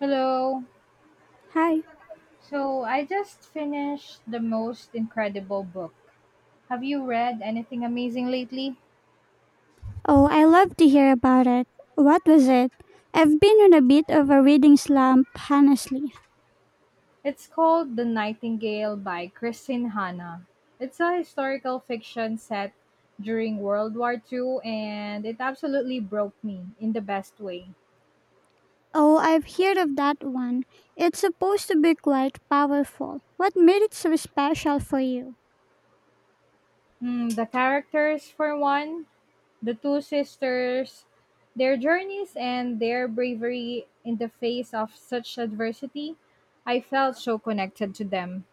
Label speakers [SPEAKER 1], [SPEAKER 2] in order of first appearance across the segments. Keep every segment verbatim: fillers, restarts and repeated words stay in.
[SPEAKER 1] Hello.
[SPEAKER 2] Hi.
[SPEAKER 1] So I just finished the most incredible book. Have you read anything amazing lately?
[SPEAKER 2] Oh, I love to hear about it. What was it? I've been on a bit of a reading slump, honestly.
[SPEAKER 1] It's called The Nightingale by Christine Hanna. It's a historical fiction set during World War Two, and it absolutely broke me in the best way.
[SPEAKER 2] Oh, I've heard of that one. It's supposed to be quite powerful. What made it so special for you?
[SPEAKER 1] Mm, the characters, for one, the two sisters, their journeys and their bravery in the face of such adversity, I felt so connected to them.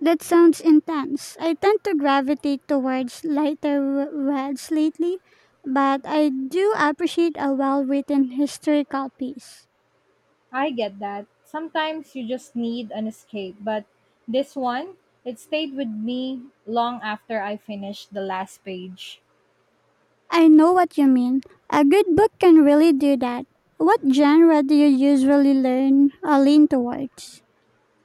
[SPEAKER 2] That sounds intense. I tend to gravitate towards lighter w- reads lately, but I do appreciate a well written historical piece.
[SPEAKER 1] I get that. Sometimes you just need an escape, but this one, it stayed with me long after I finished the last page.
[SPEAKER 2] I know what you mean. A good book can really do that. What genre do you usually learn or lean towards?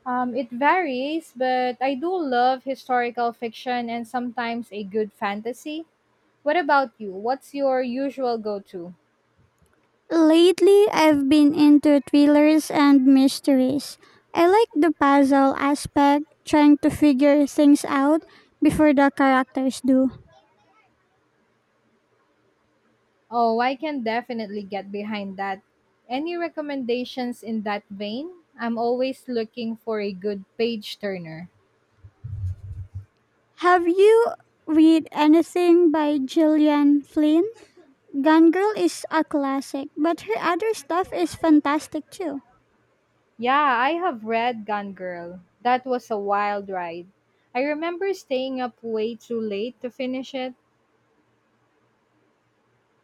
[SPEAKER 1] Um, it varies, but I do love historical fiction and sometimes a good fantasy. What about you? What's your usual go to?
[SPEAKER 2] Lately, I've been into thrillers and mysteries. I like the puzzle aspect, trying to figure things out before the characters do.
[SPEAKER 1] Oh, I can definitely get behind that. Any recommendations in that vein? I'm always looking for a good page turner.
[SPEAKER 2] Have you read anything by Gillian Flynn? Gone Girl is a classic, but her other stuff is fantastic too.
[SPEAKER 1] Yeah, I have read Gone Girl. That was a wild ride. I remember staying up way too late to finish it.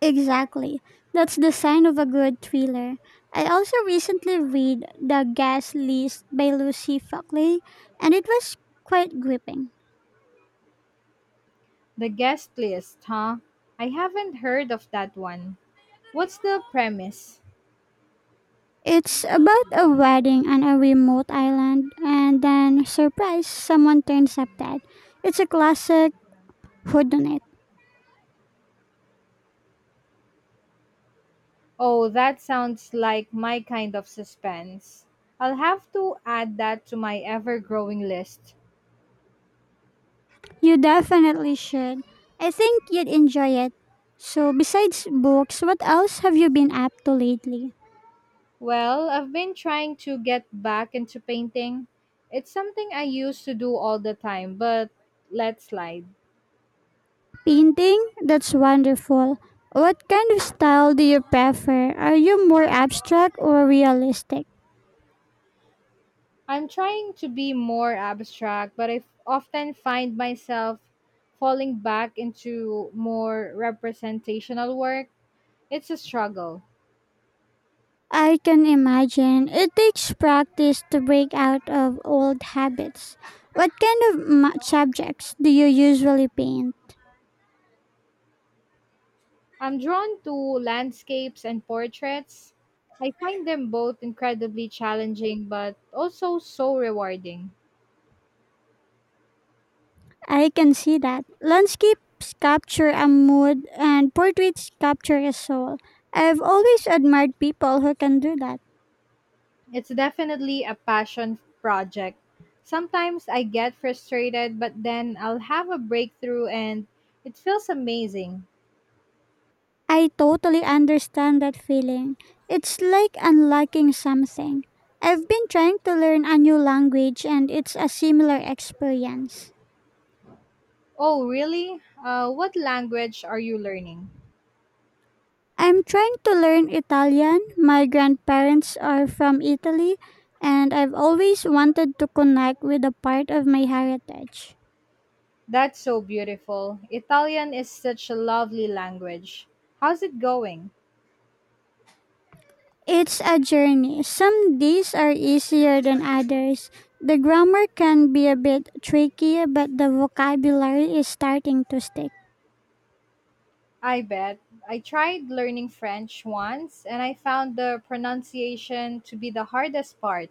[SPEAKER 2] Exactly. That's the sign of a good thriller. I also recently read The Gas List by Lucy Fockley, and it was quite gripping.
[SPEAKER 1] The guest list, huh? I haven't heard of that one. What's the premise?
[SPEAKER 2] It's about a wedding on a remote island, and then, surprise, someone turns up dead. It's a classic whodunit.
[SPEAKER 1] Oh, that sounds like my kind of suspense. I'll have to add that to my ever growing list.
[SPEAKER 2] You definitely should. I think you'd enjoy it. So, besides books, what else have you been up to lately?
[SPEAKER 1] Well, I've been trying to get back into painting. It's something I used to do all the time, but let slide.
[SPEAKER 2] Painting? That's wonderful. What kind of style do you prefer? Are you more abstract or realistic?
[SPEAKER 1] I'm trying to be more abstract, but I f- often find myself falling back into more representational work. It's a struggle.
[SPEAKER 2] I can imagine it takes practice to break out of old habits. What kind of ma- subjects do you usually paint?
[SPEAKER 1] I'm drawn to landscapes and portraits. I find them both incredibly challenging, but also so rewarding.
[SPEAKER 2] I can see that. Landscapes capture a mood and portraits capture a soul. I've always admired people who can do that.
[SPEAKER 1] It's definitely a passion project. Sometimes I get frustrated, but then I'll have a breakthrough and it feels amazing.
[SPEAKER 2] I totally understand that feeling. It's like unlocking something. I've been trying to learn a new language and it's a similar experience.
[SPEAKER 1] Oh, really? Uh, what language are you learning?
[SPEAKER 2] I'm trying to learn Italian. My grandparents are from Italy and I've always wanted to connect with a part of my heritage.
[SPEAKER 1] That's so beautiful. Italian is such a lovely language. How's it going?
[SPEAKER 2] It's a journey. Some days are easier than others. The grammar can be a bit tricky, but the vocabulary is starting to stick.
[SPEAKER 1] I bet. I tried learning French once and I found the pronunciation to be the hardest part.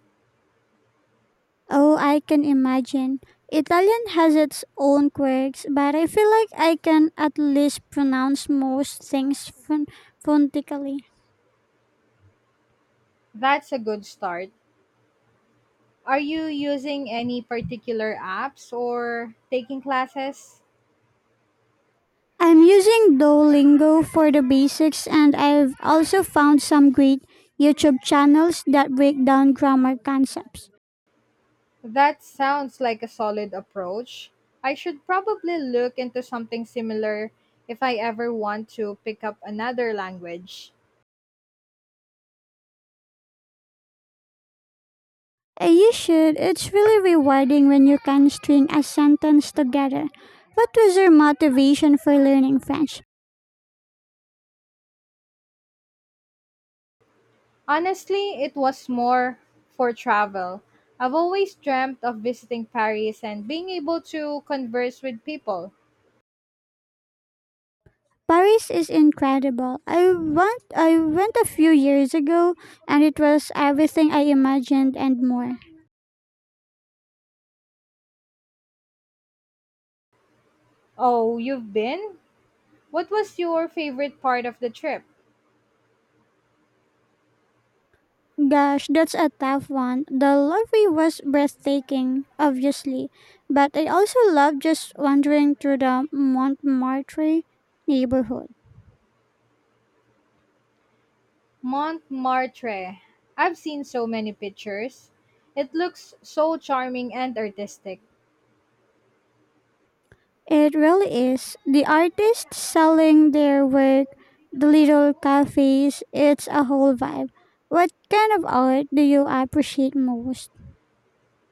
[SPEAKER 2] Oh, I can imagine. Italian has its own quirks, but I feel like I can at least pronounce most things phon- phonetically.
[SPEAKER 1] That's a good start. Are you using any particular apps or taking classes?
[SPEAKER 2] I'm using Duolingo for the basics, and I've also found some great YouTube channels that break down grammar concepts.
[SPEAKER 1] That sounds like a solid approach. I should probably look into something similar if I ever want to pick up another language.
[SPEAKER 2] Uh, You should. It's really rewarding when you can string a sentence together. What was your motivation for learning French?
[SPEAKER 1] Honestly, it was more for travel. I've always dreamt of visiting Paris and being able to converse with people.
[SPEAKER 2] Paris is incredible. I went I went a few years ago and it was everything I imagined and more.
[SPEAKER 1] Oh, you've been? What was your favorite part of the trip?
[SPEAKER 2] Gosh, that's a tough one. The Louvre was breathtaking, obviously, but I also loved just wandering through the Montmartre neighborhood.
[SPEAKER 1] Montmartre. I've seen so many pictures. It looks so charming and artistic.
[SPEAKER 2] It really is. The artists selling their work, the little cafes, it's a whole vibe. What kind of art do you appreciate most?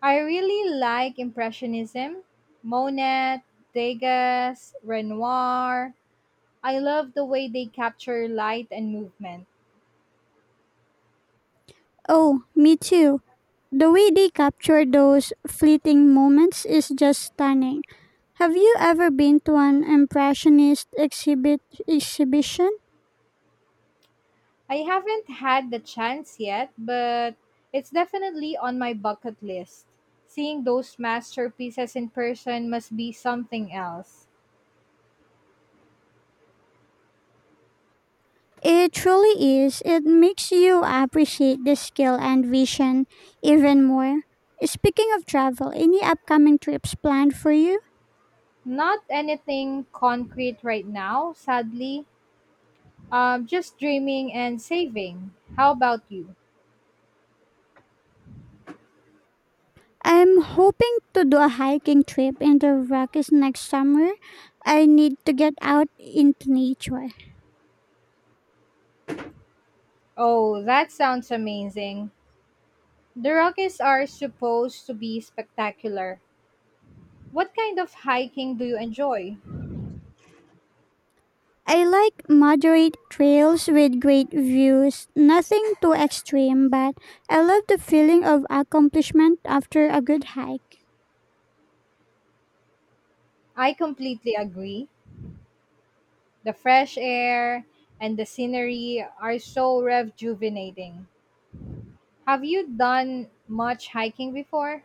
[SPEAKER 1] I really like Impressionism, Monet, Degas, Renoir. I love the way they capture light and movement.
[SPEAKER 2] Oh, me too. The way they capture those fleeting moments is just stunning. Have you ever been to an impressionist exhibit exhibition?
[SPEAKER 1] I haven't had the chance yet, but it's definitely on my bucket list. Seeing those masterpieces in person must be something else.
[SPEAKER 2] It truly is. It makes you appreciate the skill and vision even more. Speaking of travel, any upcoming trips planned for you?
[SPEAKER 1] Not anything concrete right now, sadly. Um, just dreaming and saving. How about you?
[SPEAKER 2] I'm hoping to do a hiking trip in the Rockies next summer. I need to get out into nature.
[SPEAKER 1] Oh, that sounds amazing. The Rockies are supposed to be spectacular. What kind of hiking do you enjoy?
[SPEAKER 2] I like moderate trails with great views, nothing too extreme, but I love the feeling of accomplishment after a good hike.
[SPEAKER 1] I completely agree. The fresh air and the scenery are so rejuvenating. Have you done much hiking before?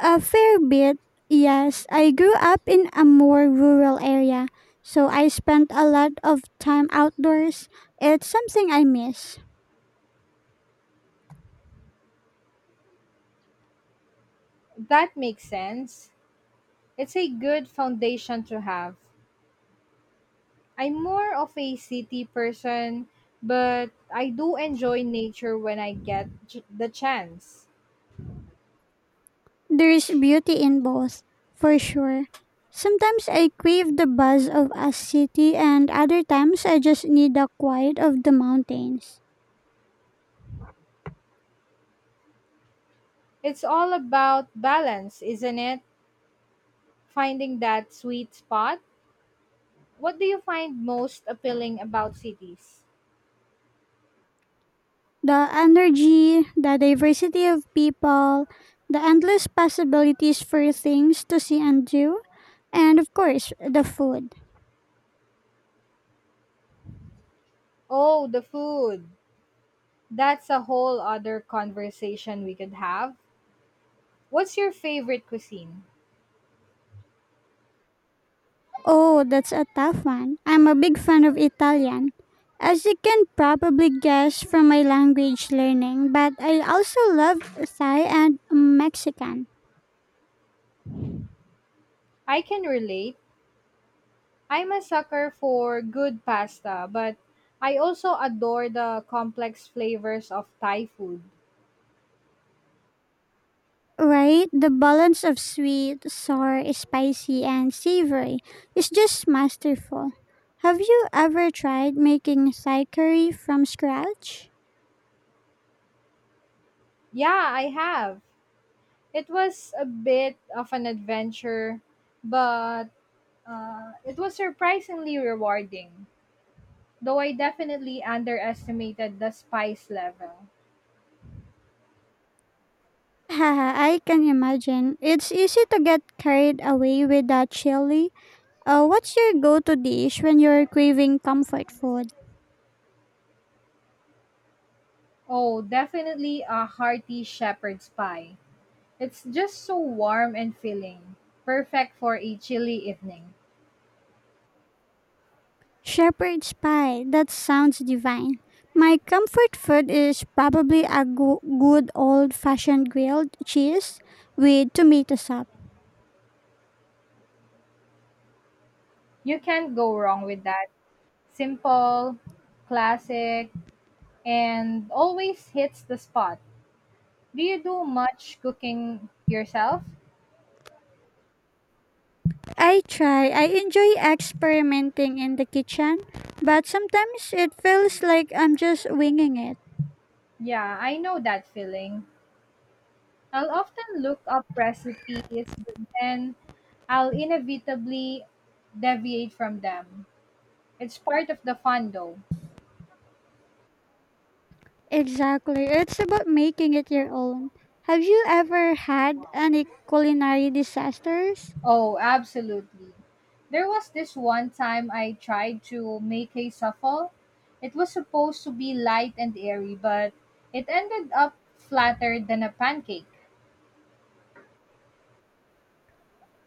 [SPEAKER 2] A fair bit, yes. I grew up in a more rural area, so I spent a lot of time outdoors. It's something I miss.
[SPEAKER 1] That makes sense. It's a good foundation to have. I'm more of a city person, but I do enjoy nature when I get ch- the chance.
[SPEAKER 2] There is beauty in both, for sure. Sometimes I crave the buzz of a city, and other times I just need the quiet of the mountains.
[SPEAKER 1] It's all about balance, isn't it? Finding that sweet spot. What do you find most appealing about cities?
[SPEAKER 2] The energy, the diversity of people, the endless possibilities for things to see and do, and of course, the food.
[SPEAKER 1] Oh, the food. That's a whole other conversation we could have. What's your favorite cuisine?
[SPEAKER 2] Oh, that's a tough one. I'm a big fan of Italian. As you can probably guess from my language learning, but I also love Thai and Mexican.
[SPEAKER 1] I can relate. I'm a sucker for good pasta, but I also adore the complex flavors of Thai food.
[SPEAKER 2] Right? The balance of sweet, sour, spicy, and savory is just masterful. Have you ever tried making Thai curry from scratch?
[SPEAKER 1] Yeah, I have. It was a bit of an adventure, but uh, it was surprisingly rewarding. Though I definitely underestimated the spice level.
[SPEAKER 2] Haha, I can imagine. It's easy to get carried away with that chili. Uh, what's your go-to dish when you're craving comfort food?
[SPEAKER 1] Oh, definitely a hearty shepherd's pie. It's just so warm and filling. Perfect for a chilly evening.
[SPEAKER 2] Shepherd's pie. That sounds divine. My comfort food is probably a go- good old-fashioned grilled cheese with tomato sauce.
[SPEAKER 1] You can't go wrong with that. Simple, classic, and always hits the spot. Do you do much cooking yourself?
[SPEAKER 2] I try. I enjoy experimenting in the kitchen, but sometimes it feels like I'm just winging it.
[SPEAKER 1] Yeah, I know that feeling. I'll often look up recipes, but then I'll inevitably deviate from them. It's part of the fun though.
[SPEAKER 2] Exactly. It's about making it your own. Have you ever had any culinary disasters?
[SPEAKER 1] Oh, absolutely. There was this one time I tried to make a shuffle. It was supposed to be light and airy, but it ended up flatter than a pancake.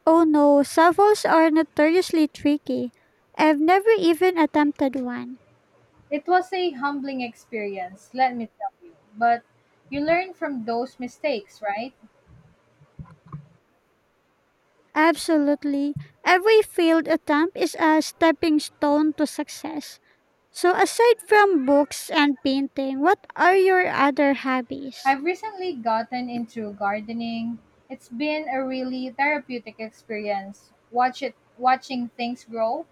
[SPEAKER 2] Oh no, savos are notoriously tricky. I've never even attempted one.
[SPEAKER 1] It was a humbling experience, let me tell you. But you learn from those mistakes, right?
[SPEAKER 2] Absolutely. Every failed attempt is a stepping stone to success. So aside from books and painting, what are your other hobbies?
[SPEAKER 1] I've recently gotten into gardening. It's been a really therapeutic experience. Watch it watching things grow.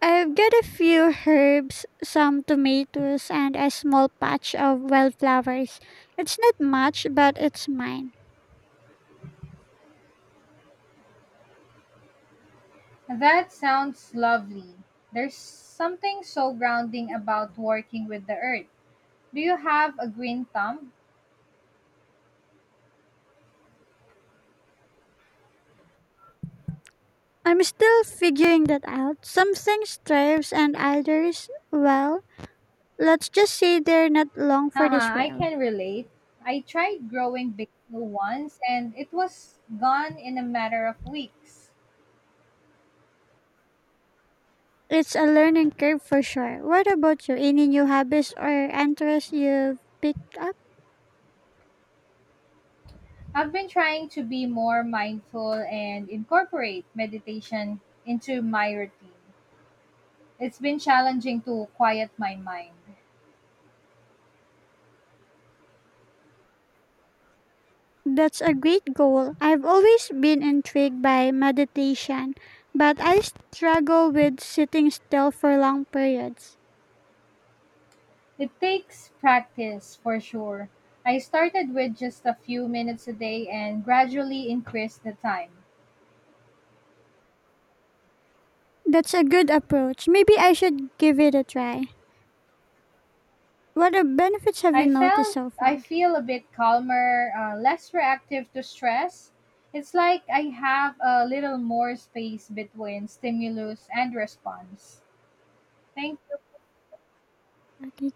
[SPEAKER 2] I've got a few herbs, some tomatoes, and a small patch of wildflowers. It's not much, but it's mine.
[SPEAKER 1] That sounds lovely. There's something so grounding about working with the earth. Do you have a green thumb?
[SPEAKER 2] I'm still figuring that out. Some things thrives and others, well, let's just say they're not long for this
[SPEAKER 1] Haha, I
[SPEAKER 2] world.
[SPEAKER 1] can relate. I tried growing basil once and it was gone in a matter of weeks.
[SPEAKER 2] It's a learning curve for sure. What about you? Any new hobbies or interests you've picked up?
[SPEAKER 1] I've been trying to be more mindful and incorporate meditation into my routine. It's been challenging to quiet my mind.
[SPEAKER 2] That's a great goal. I've always been intrigued by meditation, but I struggle with sitting still for long periods.
[SPEAKER 1] It takes practice for sure. I started with just a few minutes a day and gradually increased the time.
[SPEAKER 2] That's a good approach. Maybe I should give it a try. What uh, benefits have you
[SPEAKER 1] I
[SPEAKER 2] noticed
[SPEAKER 1] felt
[SPEAKER 2] so
[SPEAKER 1] I
[SPEAKER 2] far?
[SPEAKER 1] feel a bit calmer, uh, less reactive to stress. It's like I have a little more space between stimulus and response. Thank
[SPEAKER 2] Okay,